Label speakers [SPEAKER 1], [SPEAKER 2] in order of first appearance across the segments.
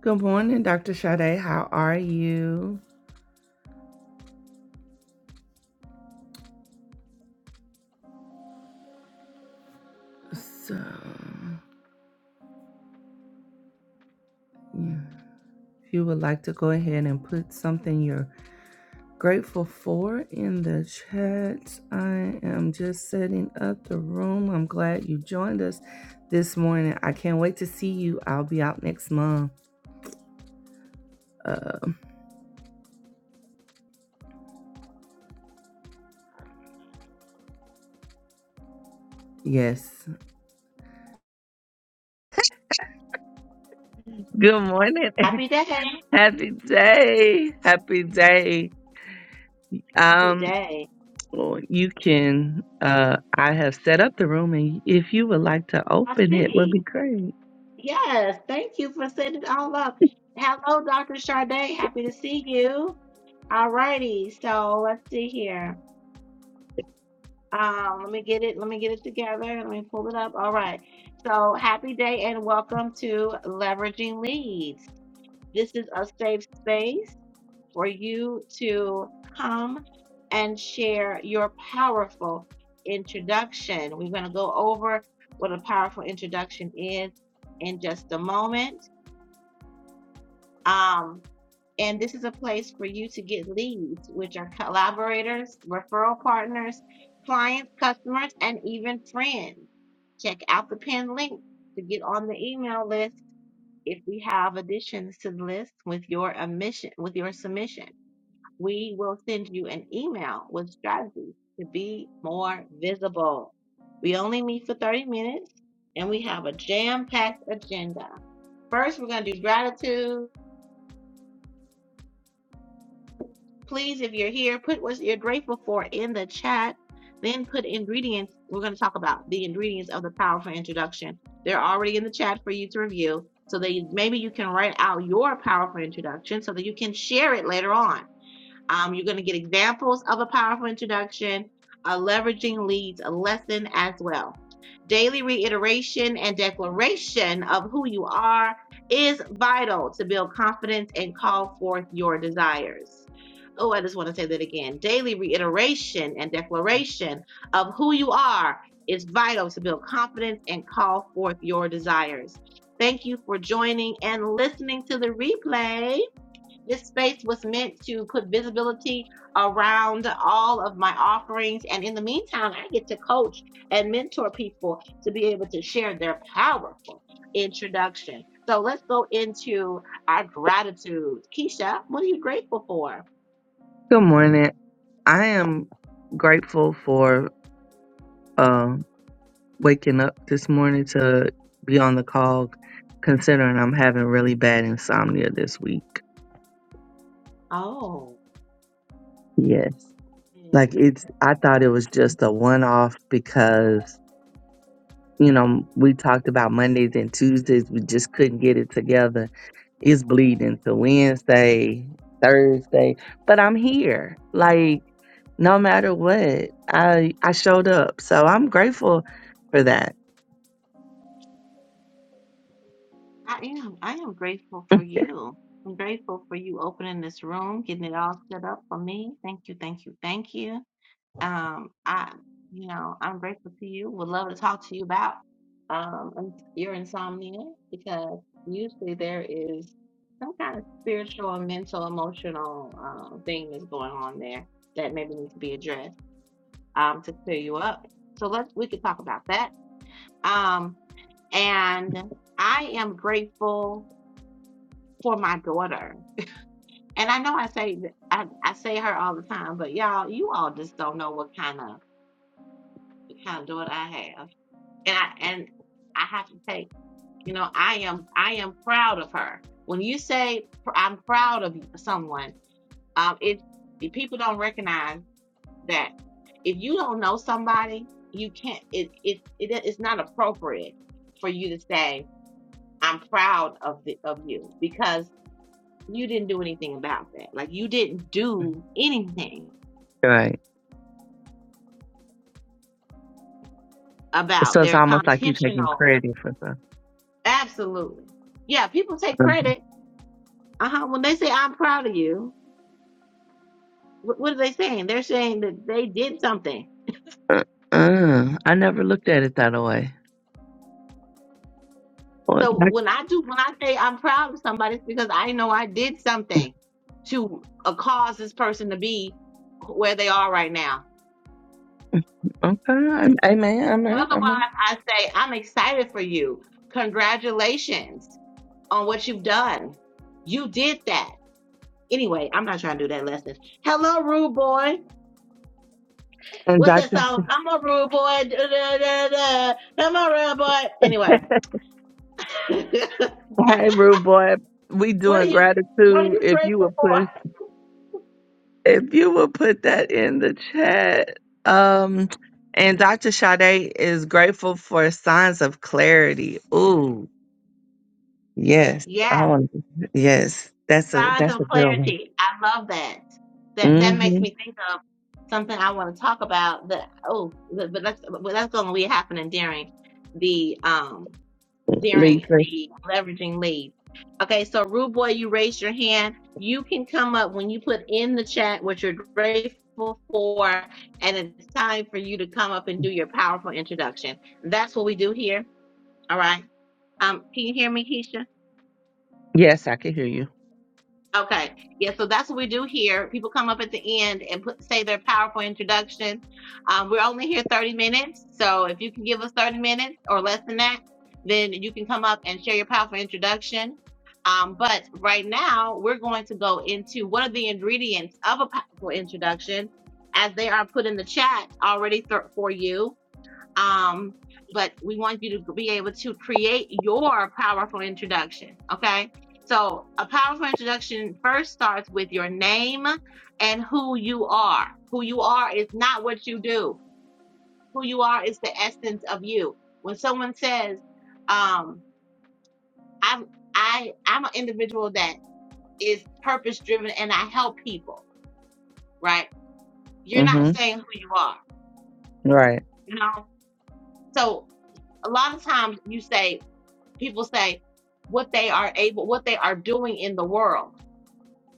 [SPEAKER 1] Good morning, Dr. Sade. How are you? So, yeah, if you would like to go ahead and put something you're grateful for in the chat, I am just setting up the room. I'm glad you joined us this morning. I can't wait to see you. I'll be out next month. Uh, yes. Good morning.
[SPEAKER 2] Happy day.
[SPEAKER 1] Happy day. Happy day.
[SPEAKER 2] Happy day.
[SPEAKER 1] Lord, you can. Uh, I have set up the room, and if you would like to
[SPEAKER 2] I
[SPEAKER 1] open it, would
[SPEAKER 2] see.
[SPEAKER 1] be great.
[SPEAKER 2] Yes. Thank you for setting it all up. Hello, Dr. Sade. Happy to see you. All righty. So let's see here. Um, let me get it. Let me get it together. Let me pull it up. All right. So happy day and welcome to Leveraging Leads. This is a safe space. for you to come and share your powerful introduction. We're going to go over what a powerful introduction is in just a moment. Um, and this is a place for you to get leads, which are collaborators, referral partners, clients, customers, and even friends. Check out the pinned link to get on the email list if we have additions to the list with your admission, with your submission we will send you an email with strategies to be more visible. We only meet for 30 minutes and we have a jam packed agenda. First, we're going to do gratitude. Please, if you're here, put what you're grateful for in the chat. Then put ingredients. We're going to talk about the ingredients of the powerful introduction. They're already in the chat for you to review. So that you, maybe you can write out your powerful introduction so that you can share it later on Um, you're going to get examples of a powerful introduction, a leveraging leads lesson as well. Daily reiteration and declaration of who you are is vital to build confidence and call forth your desires. Oh, I just want to say that again. Daily reiteration and declaration of who you are is vital to build confidence and call forth your desires. Thank you for joining and listening to the replay. This space was meant to put visibility around all of my offerings. And in the meantime, I get to coach and mentor people to be able to share their powerful introduction. So let's go into our gratitude. Keisha, what are you grateful for?
[SPEAKER 1] Good morning. I am grateful for um, waking up this morning to be on the call, considering I'm having really bad insomnia this week.
[SPEAKER 2] Oh,
[SPEAKER 1] Yes, like
[SPEAKER 2] mm,
[SPEAKER 1] it's. I thought it was just a one off because you know, we talked about Mondays and Tuesdays. We just couldn't get it together. It's bleeding to Wednesday, Thursday, but I'm here. Like, no matter what, I I showed up, so I'm grateful for that.
[SPEAKER 2] I am. I am grateful for you. I'm grateful for you opening this room, getting it all set up for me. Thank you, thank you, thank you. Um, I, you know, I'm grateful to you. Would love to talk to you about um ins- your insomnia because usually there is some kind of spiritual and mental, emotional um thing that's going on there that maybe needs to be addressed um to clear you up. So let's we could talk about that. Um, and I am grateful for my daughter. And I know I say th- I, I say her all the time, but y'all, you all just don't know what kind of what kind of daughter I have. and I and I have to say, you know, I am I am proud of her. When you say pr- I'm proud of someone, um, it if people don't recognize that if you don't know somebody, you can't. It it it is not appropriate for you to say I'm proud of the of you because you didn't do anything about that. Like you didn't do anything
[SPEAKER 1] Right.
[SPEAKER 2] about
[SPEAKER 1] So it's
[SPEAKER 2] their con-
[SPEAKER 1] almost like you taking
[SPEAKER 2] intentional.
[SPEAKER 1] credit for
[SPEAKER 2] Absolutely, yeah. People take
[SPEAKER 1] something.
[SPEAKER 2] credit. Uh huh. When they say I'm proud of you, What, what are they saying? They're saying that they did something.
[SPEAKER 1] Uh, uh, I never looked at it that way. Well,
[SPEAKER 2] So
[SPEAKER 1] doc-
[SPEAKER 2] when I do, when I say I'm proud of somebody, it's because I know I did something to uh, cause this person to be where they are right now.
[SPEAKER 1] okay, amen, amen,
[SPEAKER 2] Otherwise,
[SPEAKER 1] amen.
[SPEAKER 2] I say I'm excited for you. Congratulations on what you've done. You did that. Anyway, I'm not trying to do that lesson. Hello, rude boy.
[SPEAKER 1] And
[SPEAKER 2] What's that
[SPEAKER 1] Doctor,
[SPEAKER 2] song? I'm a rude boy. Da, da, da, da. I'm a rude boy. Anyway,
[SPEAKER 1] hey, rude boy, we
[SPEAKER 2] what are
[SPEAKER 1] doing
[SPEAKER 2] you? What are
[SPEAKER 1] gratitude.
[SPEAKER 2] you
[SPEAKER 1] If you
[SPEAKER 2] grateful
[SPEAKER 1] would
[SPEAKER 2] for?
[SPEAKER 1] push. if you would put that in the chat. Um, and Dr. Sade is grateful for signs of clarity. Ooh, yes, I
[SPEAKER 2] Yeah,
[SPEAKER 1] want. Yes, that's a
[SPEAKER 2] signs
[SPEAKER 1] that's
[SPEAKER 2] of
[SPEAKER 1] a good one.
[SPEAKER 2] clarity. I love that. That that makes
[SPEAKER 1] Mm-hmm.
[SPEAKER 2] me think of something I want to talk about. That oh, but but that's but that's going to be happening during the um during
[SPEAKER 1] Lisa,
[SPEAKER 2] the leveraging lead. Okay, so Rude Boy, you raised your hand. You can come up when you put in the chat what you're grateful for, and it's time for you to come up and do your powerful introduction. That's what we do here. All right. Um, can you hear me, Keisha?
[SPEAKER 1] yes, I can hear you.
[SPEAKER 2] Okay. Yeah, so that's what we do here. People come up at the end and put, say their powerful introduction. Um, we're only here 30 minutes. So if you can give us 30 minutes or less than that, then you can come up and share your powerful introduction. Um, but right now, we're going to go into what are the ingredients of a powerful introduction as they are put in the chat already th- for you um, but we want you to be able to create your powerful introduction. Okay. So a powerful introduction first starts with your name and who you are. Who you are is not what you do. Who you are is the essence of you. When someone says, um, I'm, I, I'm an individual that is purpose driven and I help people, right? You're not
[SPEAKER 1] Mm-hmm.
[SPEAKER 2] saying who you are,
[SPEAKER 1] Right.
[SPEAKER 2] you know? So a lot of times you say people say what they are able what they are doing in the world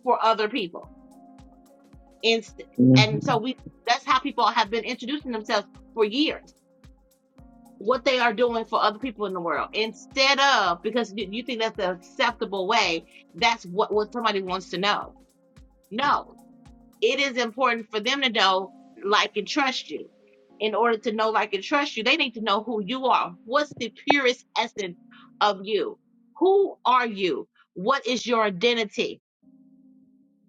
[SPEAKER 2] for other people and and
[SPEAKER 1] Mm-hmm.
[SPEAKER 2] so we that's how people have been introducing themselves for years what they are doing for other people in the world instead of because you, you think that's the acceptable way that's what what somebody wants to know no it is important for them to know, like, and trust you. In order to know, like, and trust you, they need to know who you are. What's the purest essence of you? Who are you? What is your identity?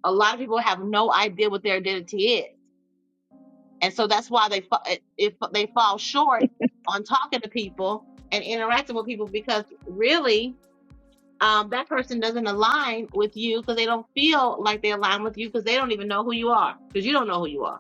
[SPEAKER 2] A lot of people have no idea what their identity is, and so that's why they fa- it- if they fall short on talking to people and interacting with people because really um, that person doesn't align with you because they don't feel like they align with you because they don't even know who you are because you don't know who you are.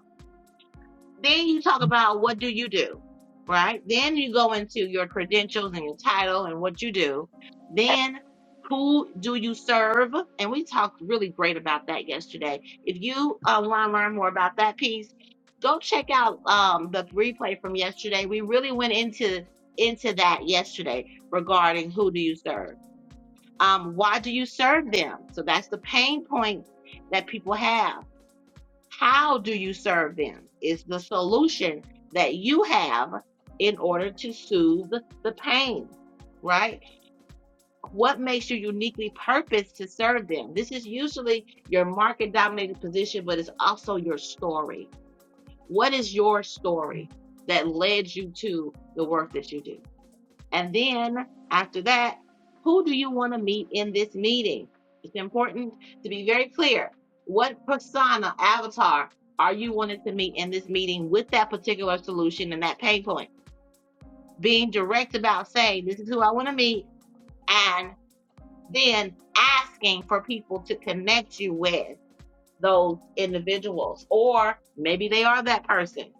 [SPEAKER 2] Then you talk about what do you do, right? Then you go into your credentials and your title and what you do. Then who do you serve? And we talked really great about that yesterday. If you uh, want to learn more about that piece, go check out um, the replay from yesterday. We really went into into that yesterday regarding who do you serve. Um, why do you serve them? So that's the pain point that people have how do you serve them? Is the solution that you have in order to soothe the pain, right? What makes you uniquely purposed to serve them? This is usually your market dominated position, but it's also your story. What is your story that led you to the work that you do? And then after that, who do you want to meet in this meeting? It's important to be very clear. What persona, avatar, are you wanting to meet in this meeting with that particular solution and that pain point? Being direct about saying, this is who I want to meet, and then asking for people to connect you with those individuals, or maybe they are that person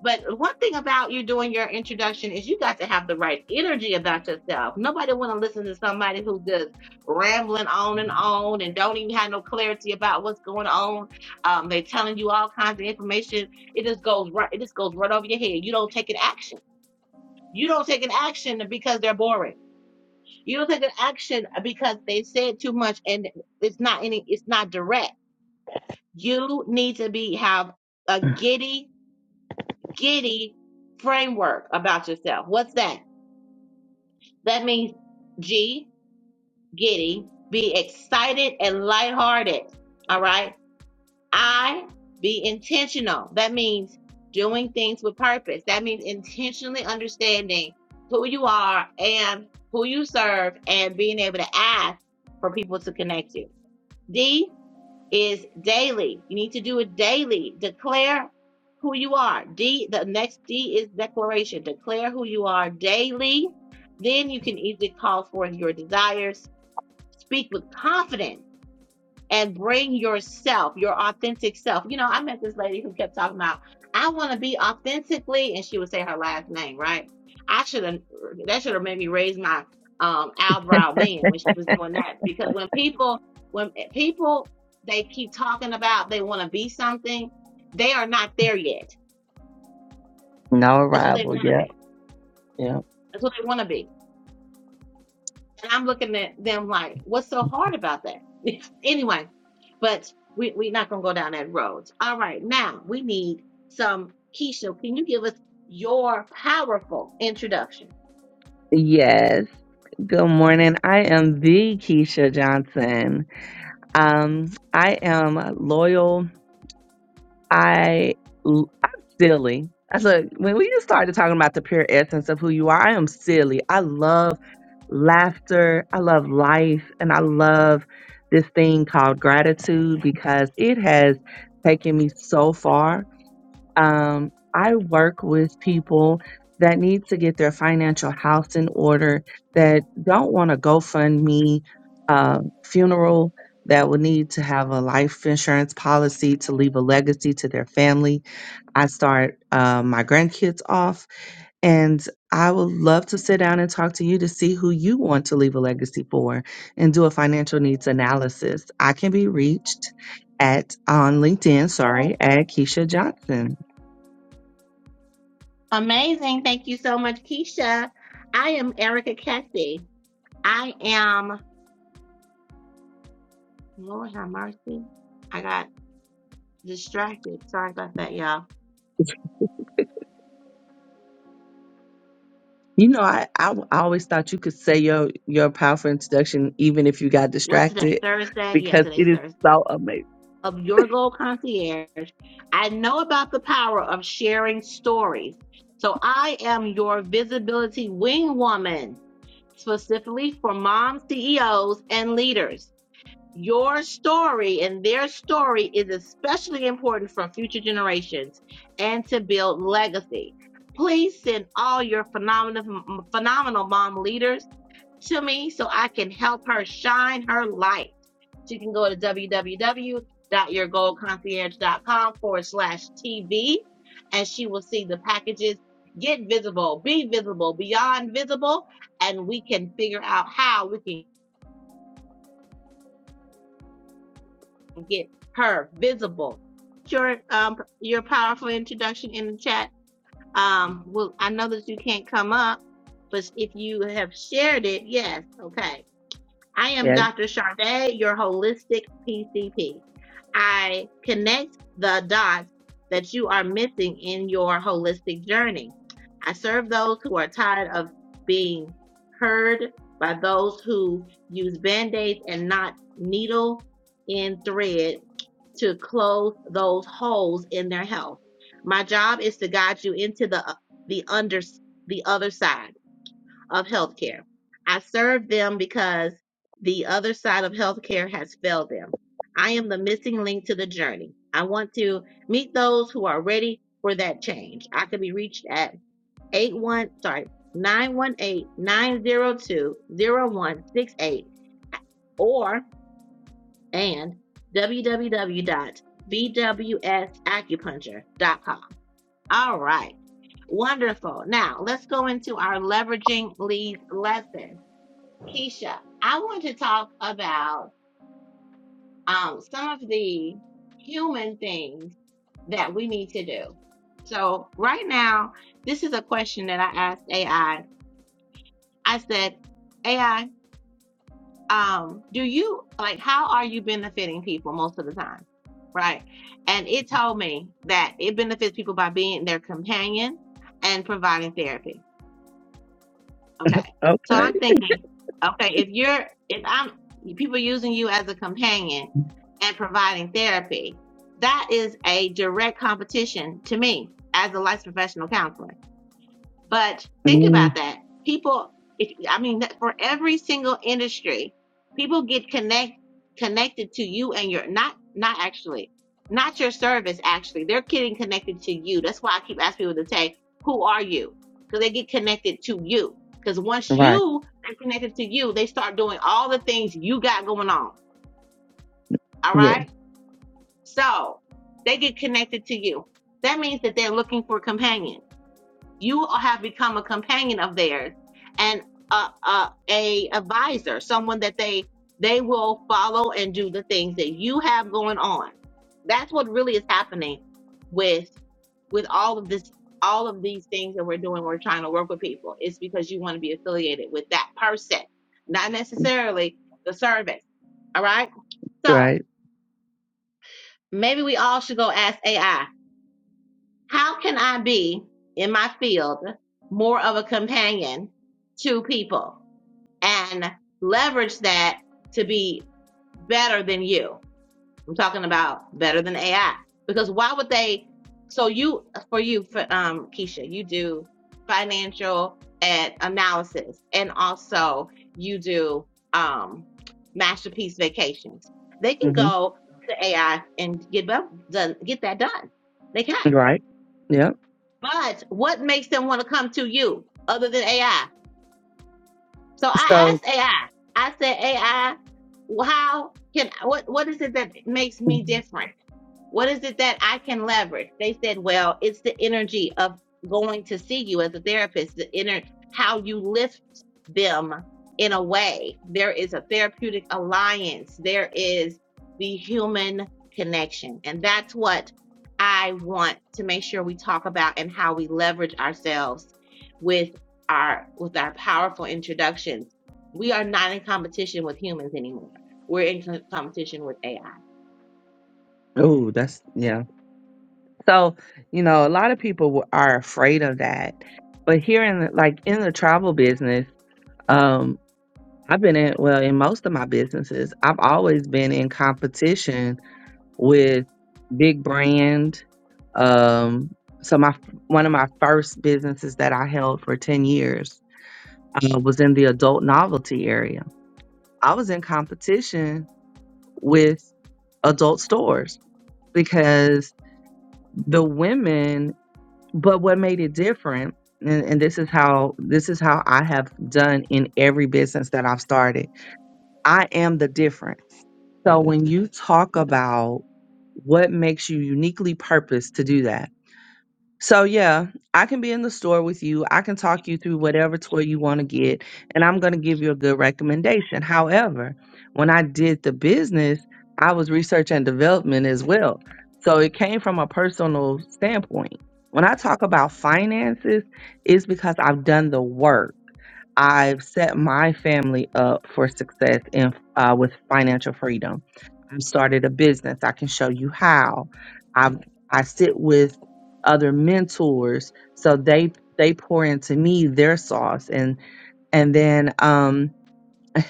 [SPEAKER 2] But one thing about you doing your introduction is you got to have the right energy about yourself. Nobody want to listen to somebody who's just rambling on and on and don't even have no clarity about what's going on. Um, they're telling you all kinds of information. It just goes right. It just goes right over your head. You don't take an action. You don't take an action because they're boring. You don't take an action because they said too much and it's not any. It's not direct. You need to be have a giddy Giddy framework about yourself. What's that? That means G, giddy, be excited and lighthearted. All right. I, be intentional. That means doing things with purpose. That means intentionally understanding who you are and who you serve and being able to ask for people to connect you. is daily. You need to do it daily. Declare who you are. D, the next D is declaration. Declare who you are daily. Then you can easily call forth your desires. Speak with confidence and bring yourself, your authentic self. You know, I met this lady who kept talking about, I want to be authentically, and she would say her last name, right? I should have, that should have made me raise my um, eyebrow then when she was doing that. Because when people, when people, they keep talking about they want to be something, they are not there yet.
[SPEAKER 1] No
[SPEAKER 2] That's what they
[SPEAKER 1] arrival.
[SPEAKER 2] want to
[SPEAKER 1] Yep.
[SPEAKER 2] be.
[SPEAKER 1] Yep.
[SPEAKER 2] That's what they want to be. And I'm looking at them like, what's so hard about that? anyway, but we, we're not going to go down that road. All right, now we need some. Keisha, can you give us your powerful introduction?
[SPEAKER 1] Yes. Good morning. I am the Keisha Johnson. Um, I am loyal I, i l- I'm silly. I said when we just started talking about the pure essence of who you are, I am silly. I love laughter. I love life, and I love this thing called gratitude because it has taken me so far um, I work with people that need to get their financial house in order, that don't want a GoFundMe uh, funeral, that will need to have a life insurance policy to leave a legacy to their family. I start uh, my grandkids off, and I would love to sit down and talk to you to see who you want to leave a legacy for and do a financial needs analysis. I can be reached at on LinkedIn, sorry, at Keisha Johnson.
[SPEAKER 2] Amazing. Thank you so much, Keisha. I am Erica Cathy. I am, Lord have mercy. I got distracted. Sorry about that, y'all.
[SPEAKER 1] You know, I I I always thought you could say your your powerful introduction even if you got
[SPEAKER 2] What's today?
[SPEAKER 1] distracted
[SPEAKER 2] Thursday? Yeah,
[SPEAKER 1] because it
[SPEAKER 2] today's
[SPEAKER 1] is
[SPEAKER 2] Thursday.
[SPEAKER 1] so amazing.
[SPEAKER 2] of Your Gold Concierge, I know about the power of sharing stories. So I am your visibility wing woman, specifically for mom CEOs and leaders. Your story and their story is especially important for future generations and to build legacy. Please send all your phenomenal, phenomenal mom leaders to me so I can help her shine her light. So you can go to www.your goal concierge dot com forward slash TV and she will see the packages. Get visible, be visible, beyond visible, and we can figure out how we can get her visible. Your um your powerful introduction in the chat. Um, well, I know that you can't come up, but if you have shared it, yes, okay. I am
[SPEAKER 1] Yeah.
[SPEAKER 2] Dr. Charday, your holistic PCP. I connect the dots that you are missing in your holistic journey. I serve those who are tired of being heard by those who use band aids and not needle and thread to close those holes in their health. My job is to guide you into the the under the other side of healthcare. I serve them because the other side of healthcare has failed them. I am the missing link to the journey. I want to meet those who are ready for that change. I can be reached at eight one sorry, nine one eight nine zero two zero one six eight or 918-902-0168 or dot b w s acupuncture dot com. All right. Wonderful. Now let's go into our leveraging leads lesson. Keisha, I want to talk about um, some of the human things that we need to do. So, right now, this is a question that I asked AI. I I said, AI, um, do you like how are you benefiting people most of the time? Right. And it told me that it benefits people by being their companion and providing therapy. Okay. So
[SPEAKER 1] Okay.
[SPEAKER 2] I'm thinking, okay, if you're, if I'm, people using you as a companion and providing therapy, that is a direct competition to me as a licensed professional counselor. But think about
[SPEAKER 1] Mm,
[SPEAKER 2] that. People, if, I mean, that- for every single industry, people get connect connected to you and your not not actually not your service. Actually, they're getting connected to you. That's why I keep asking people to say, "Who are you?" Because they get connected to you. Because once
[SPEAKER 1] right.
[SPEAKER 2] you are connected to you, they start doing all the things you got going on. All
[SPEAKER 1] Yes.
[SPEAKER 2] right, so they get connected to you. That means that they're looking for a companion you have become a companion of theirs and a, a, a advisor, someone that they they will follow and do the things that you have going on. That's what really is happening with with all of this all of these things that we're doing. We're trying to work with people. It's because you want to be affiliated with that person, not necessarily the service. All right. So
[SPEAKER 1] Right.
[SPEAKER 2] maybe we all should go ask AI How can I be in my field more of a companion to people and leverage that to be better than you? I'm talking about better than AI because why would they? So you, for you, for um, Keisha, you do financial and analysis, and also you do um, masterpiece vacations. They can
[SPEAKER 1] hmm
[SPEAKER 2] go to AI and get bu- done, get that done. They can.
[SPEAKER 1] Right. Yeah.
[SPEAKER 2] But what makes them want to come to you other than AI? So I
[SPEAKER 1] So,
[SPEAKER 2] asked AI. I I said, AI, how can what what is it that makes me different? What is it that I can leverage? They said, well, it's the energy of going to see you as a therapist, the inner how you lift them in a way. There is a therapeutic alliance. There is the human connection. And that's what I want to make sure we talk about and how we leverage ourselves with our with our powerful introductions. We are not in competition with humans anymore. We're in co- competition with AI.
[SPEAKER 1] oh, that's yeah. So, you know, a lot of people w- are afraid of that, but here in the, like in the travel business, um, I've been in well in most of my businesses, I've always been in competition with big brand. Um, so my one of my first businesses that I held for ten years uh, was in the adult novelty area. I was in competition with adult stores because the women. But what made it different, and, and this is how this is how I have done in every business that I've started. I am the difference. So when you talk about what makes you uniquely purposed to do that, So yeah, I can be in the store with you. I can talk you through whatever toy you want to get, and I'm going to give you a good recommendation. However, when I did the business, I was research and development as well. So it came from a personal standpoint. When I talk about finances, it's because I've done the work. I've set my family up for success in uh, with financial freedom. I've started a business. I can show you how. I I sit with other mentors, so they they pour into me their sauce, and and then um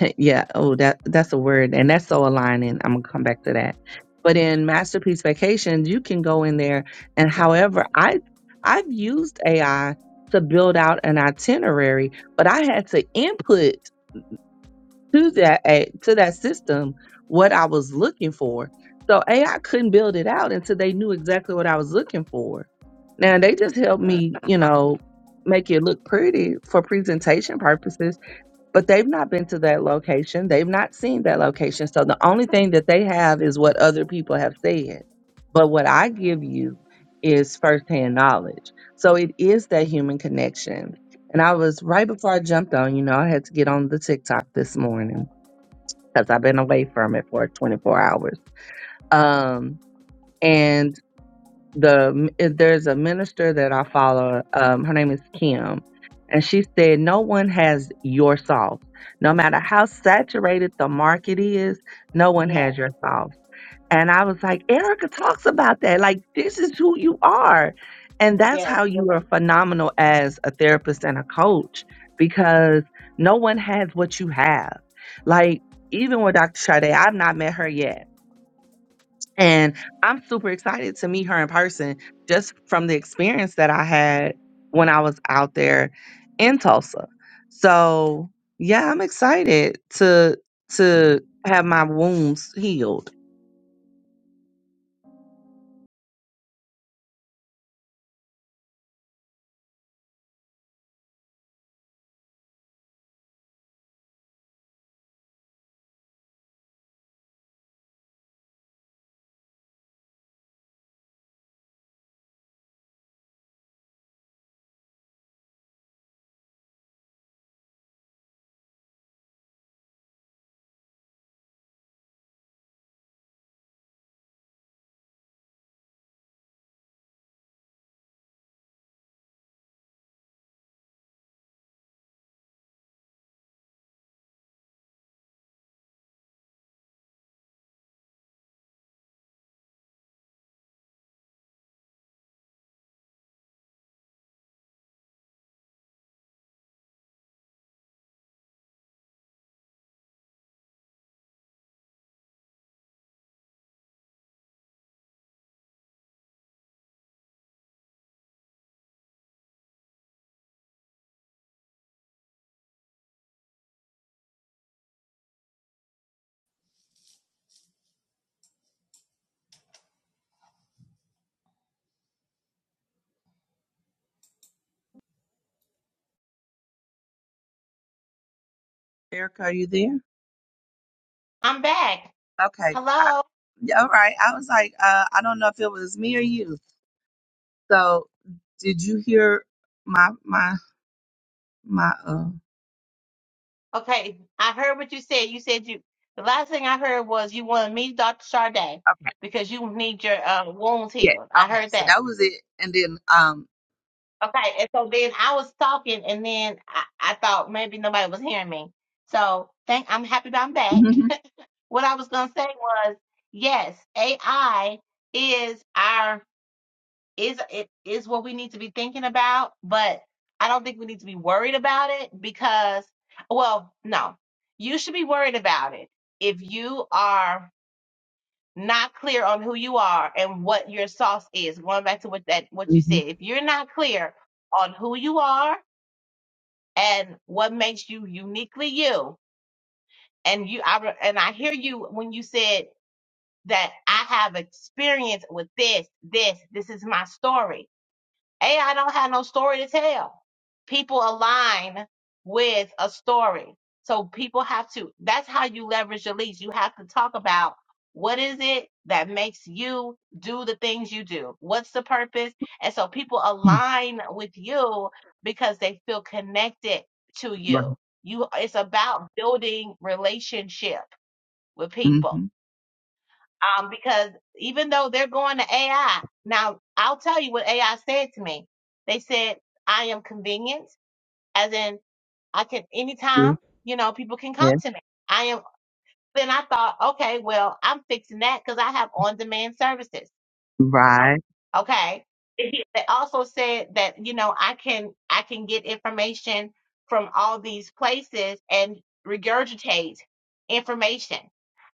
[SPEAKER 1] yeah oh that that's a word, and that's so aligning. I'm gonna come back to that. But in Masterpiece Vacations, you can go in there, and however I I've used AI to build out an itinerary, but I had to input to that a- to that system what I was looking for. So AI couldn't build it out until they knew exactly what I was looking for. Now they just helped me, you know, make it look pretty for presentation purposes, but they've not been to that location. They've not seen that location. So the only thing that they have is what other people have said. But what I give you is firsthand knowledge. So it is that human connection. And I was right before I jumped on, you know, I had to get on the TikTok this morning because I've been away from it for 24 hours. Um, and the there's a minister that I follow. Um, her name is Kim, and she said, "No one has your sauce. No matter how saturated the market is, no one
[SPEAKER 2] Yes,
[SPEAKER 1] has your sauce." And I was like, Erica talks about that. Like, this is who you are. And that's
[SPEAKER 2] yes.
[SPEAKER 1] how you are phenomenal as a therapist and a coach because no one has what you have. Like, even with Dr. Sade, I've not met her yet. And I'm super excited to meet her in person just from the experience that I had when I was out there in Tulsa. So, yeah, I'm excited to to have my wounds healed. Erica, are you there?
[SPEAKER 2] I'm back.
[SPEAKER 1] Okay. I,
[SPEAKER 2] Hello.
[SPEAKER 1] yeah, all right. I was like, uh, I don't know if it was me or you. So did you hear my my my uh
[SPEAKER 2] Okay, I heard what you said. You said you. The last thing I heard was you wanted me, Dr. Charday
[SPEAKER 1] okay.
[SPEAKER 2] because you need your uh, wounds
[SPEAKER 1] Yeah.
[SPEAKER 2] healed. I
[SPEAKER 1] Okay.
[SPEAKER 2] heard
[SPEAKER 1] So
[SPEAKER 2] that.
[SPEAKER 1] that was it. And then um
[SPEAKER 2] Okay, and so then I was talking, and then I, I thought maybe nobody was hearing me. So thank. I'm happy that I'm back.
[SPEAKER 1] mhm,
[SPEAKER 2] what I was gonna say was yes, AI is our is it is what we need to be thinking about, but I don't think we need to be worried about it because well, no. You should be worried about it if you are not clear on who you are and what your sauce is. Going back to what that what you
[SPEAKER 1] mhm,
[SPEAKER 2] said. If you're not clear on who you are and what makes you uniquely you and you I re- and I hear you when you said that I have experience with this, this, this is my story AI don't have no story to tell. People align with a story. So people have to, that's how you leverage your leads. You have to talk about what is it that makes you do the things you do? What's the purpose? And so people align with you because they feel connected to you. You, it's about building relationship with people
[SPEAKER 1] mhm, right.
[SPEAKER 2] um, because even though they're going to AI, now I'll tell you what AI said to me. They said, I am convenient, as in I can
[SPEAKER 1] Mhm. Yeah.
[SPEAKER 2] anytime, you know, people can
[SPEAKER 1] yeah,
[SPEAKER 2] come to me. I am, then I thought, okay, well, I'm fixing that because I have on demand services.
[SPEAKER 1] Right.
[SPEAKER 2] Okay. Mhm. They also said that, you know, I can, I can get information from all these places and regurgitate information.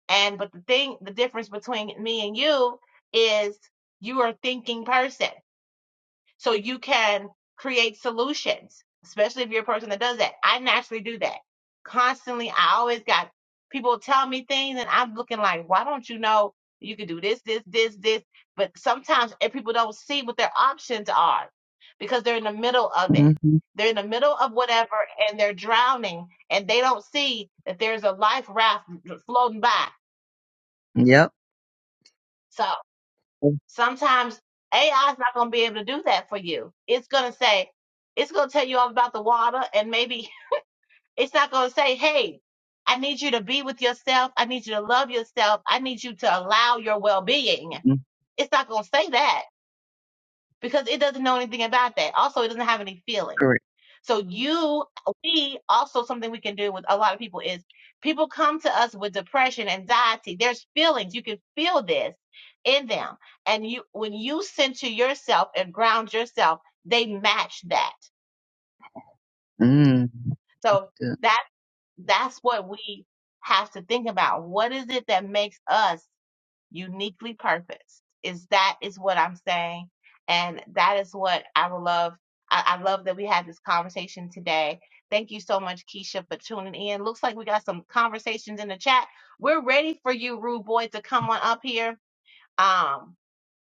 [SPEAKER 2] And but the thing, the difference between me and you is you are a thinking person. So you can create solutions, especially if you're a person that does that. I naturally do that. Constantly, I always got people tell me things and I'm looking like, why don't you know you could do this, this, this, this? But sometimes if people don't see what their options are because they're in the middle of it.
[SPEAKER 1] hmm
[SPEAKER 2] They're in the middle of whatever and they're drowning and they don't see that there's a life raft floating by.
[SPEAKER 1] Yep.
[SPEAKER 2] So. Sometimes AI is not going to be able to do that for you. It's going to say, it's going to tell you all about the water, and maybe it's not going to say, hey, I need you to be with yourself. I need you to love yourself. I need you to allow your well being.
[SPEAKER 1] Mhm,
[SPEAKER 2] It's not going to say that because it doesn't know anything about that. Also, it doesn't have any feelings.
[SPEAKER 1] Correct.
[SPEAKER 2] So you, we also something we can do with a lot of people is people come to us with depression, anxiety. There's feelings. You can feel this in them. And you, when you center yourself and ground yourself, they match that.
[SPEAKER 1] Mm.
[SPEAKER 2] So
[SPEAKER 1] Good.
[SPEAKER 2] that, that's what we have to think about. What is it that makes us uniquely purposed is that is what i'm saying and that is what i would love I, I love that we had this conversation today thank you so much keisha for tuning in looks like we got some conversations in the chat we're ready for you rude boy to come on up here um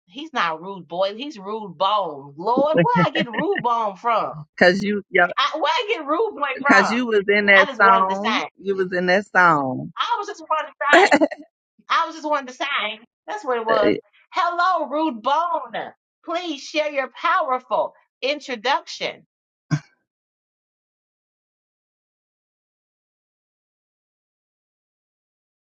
[SPEAKER 2] he's not rude boy he's rude bone lord where i get rude bone from
[SPEAKER 1] Cause you yeah,
[SPEAKER 2] I, where i get rude boy
[SPEAKER 1] cause
[SPEAKER 2] from
[SPEAKER 1] you was in
[SPEAKER 2] i
[SPEAKER 1] that
[SPEAKER 2] just wanted to say
[SPEAKER 1] song. You was in that song.
[SPEAKER 2] i was just wanted to say I was just wanting to say, that's what it
[SPEAKER 1] Uh,
[SPEAKER 2] was. Hello, Rude Bone. Please share your powerful introduction.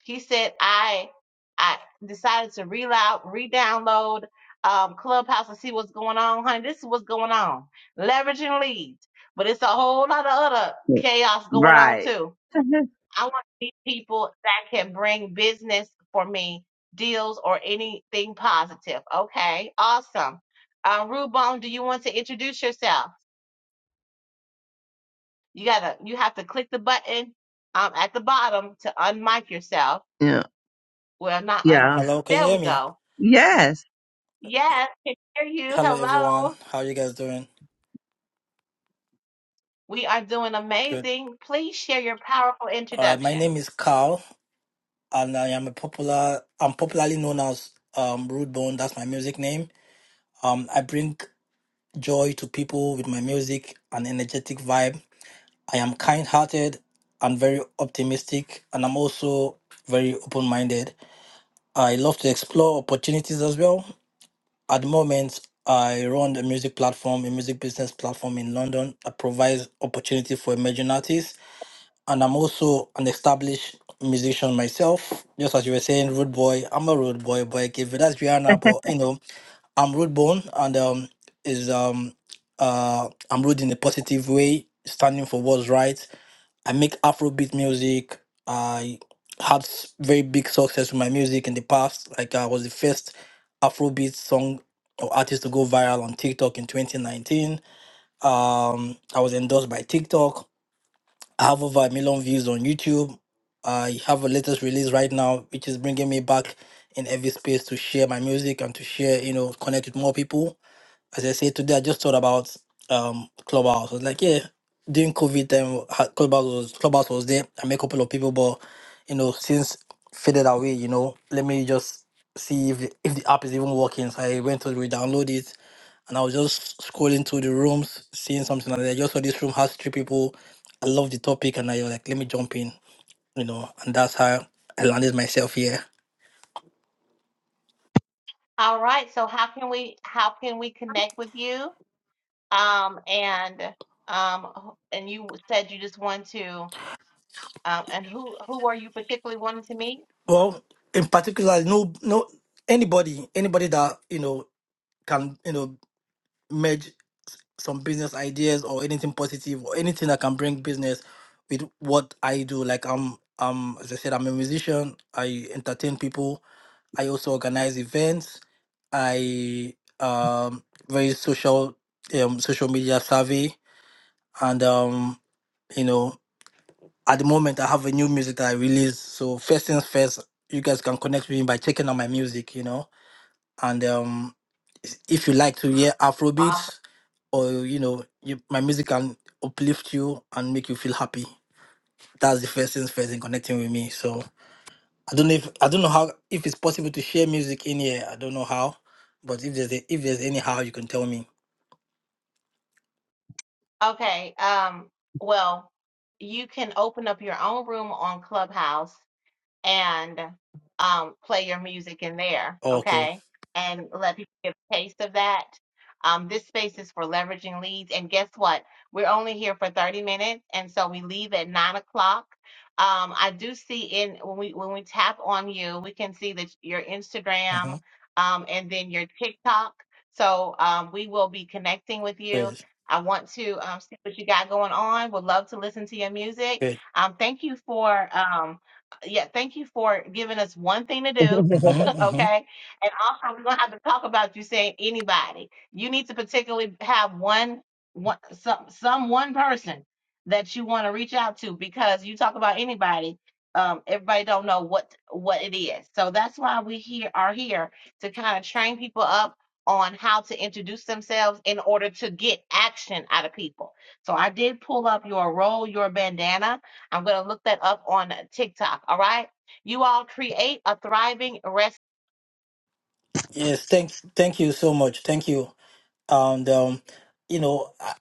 [SPEAKER 2] He said, I I decided to reload, re-download um, Clubhouse and see what's going on. Honey, this is what's going on. Leveraging leads. But it's a whole lot of other chaos going on
[SPEAKER 1] Right.
[SPEAKER 2] too. I want to meet people that can bring business for me, deals or anything positive. Okay, awesome. Um, Rubone, do you want to introduce yourself? You gotta, you have to click the button um at the bottom to unmic yourself.
[SPEAKER 1] yeah.
[SPEAKER 2] Well, not un.
[SPEAKER 1] Yeah.
[SPEAKER 3] Hello, can
[SPEAKER 2] There
[SPEAKER 3] you hear
[SPEAKER 2] we
[SPEAKER 3] me?
[SPEAKER 2] go.
[SPEAKER 1] Yes
[SPEAKER 2] Yes, can hear you.
[SPEAKER 3] Hello, everyone.
[SPEAKER 2] Hello.
[SPEAKER 3] How you guys doing?
[SPEAKER 2] We are doing
[SPEAKER 3] Good.
[SPEAKER 2] amazing. Please share your powerful
[SPEAKER 3] All right. My
[SPEAKER 2] introduction.
[SPEAKER 3] name is Carl, and I am a popular. I'm popularly known as um, Rude Bone. That's my music name. Um, I bring joy to people with my music and energetic vibe. I am kind-hearted and very optimistic, and I'm also very open-minded. I love to explore opportunities as well. At the moment, I run a music platform, a music business platform in London that provides opportunity for emerging artists and I'm also an established musician myself. Just as you were saying, rude boy. I'm a rude boy, but okay, but that's Rihanna. But you know, I'm rude born, and um, is um, uh, I'm rude in a positive way, standing for what's right. I make Afrobeat music. I had s- very big success with my music in the past. Like I was the first Afrobeat song or artist to go viral on TikTok in 2019. Um, I was endorsed by TikTok I have over a million views on YouTube. I have a latest release right now, which is bringing me back in every space to share my music and to share, you know, connect with more people as I said today, I just thought about um Clubhouse. I was like, yeah, during COVID time, ha- Clubhouse was Clubhouse was there. I met a couple of people, but you know, since faded away, you know, let me just see if the, if the app is even working. So I went to re-download it, and I was just scrolling through the rooms, seeing something, and I just saw this room has three people. I love the topic, and I was like, let me jump in, you know, and that's how I landed myself here.
[SPEAKER 2] All right. So how can we how can we connect with you? Um, and um, and you said you just want to, um, and who who are you particularly wanting to meet?
[SPEAKER 3] Well, in particular, no, no, anybody, anybody that you know can you know merge some business ideas or anything positive or anything that can bring business with what I do. Like I'm um as I said, I'm a musician, I entertain people, I also organize events, I um very social um social media savvy and um you know at the moment I have a new music that I release. So first things first, you guys can connect with me by checking out my music, you know and um, if you like to hear
[SPEAKER 2] Awesome.
[SPEAKER 3] Afrobeats or you know, you, my music can uplift you and make you feel happy. That's the first thing first in connecting with me. So I don't know if I don't know how if it's possible to share music in here. I don't know how, but if there's a, if there's any how, you can tell me.
[SPEAKER 2] Okay. Um, well, you can open up your own room on Clubhouse and um, play your music in there,
[SPEAKER 3] okay.
[SPEAKER 2] okay? And let people get a taste of that. Um, this space is for leveraging leads. And guess what? We're only here for 30 minutes, and so we leave at nine o'clock. Um, I do see in when we when we tap on you, we can see that your Instagram
[SPEAKER 3] Mm-hmm.
[SPEAKER 2] um, and then your TikTok. So um, we will be connecting with you.
[SPEAKER 3] Good.
[SPEAKER 2] I want to um, see what you got going on. Would love to listen to your music.
[SPEAKER 3] Good.
[SPEAKER 2] Um, thank you for um, yeah, thank you for giving us one thing to do.
[SPEAKER 3] Mm-hmm, mm-hmm.
[SPEAKER 2] Okay. And also we're gonna have to talk about you saying anybody. You need to particularly have one one some some one person that you want to reach out to because you talk about anybody. Um, everybody don't know what what it is. So that's why we here are here to kind of train people up on how to introduce themselves in order to get action out of people. So I did pull up your roll, your bandana I'm going to look that up on TikTok. All right. You all create a thriving, rest.
[SPEAKER 3] Yes. Thanks. Thank you so much. Thank you. And um, you know, I,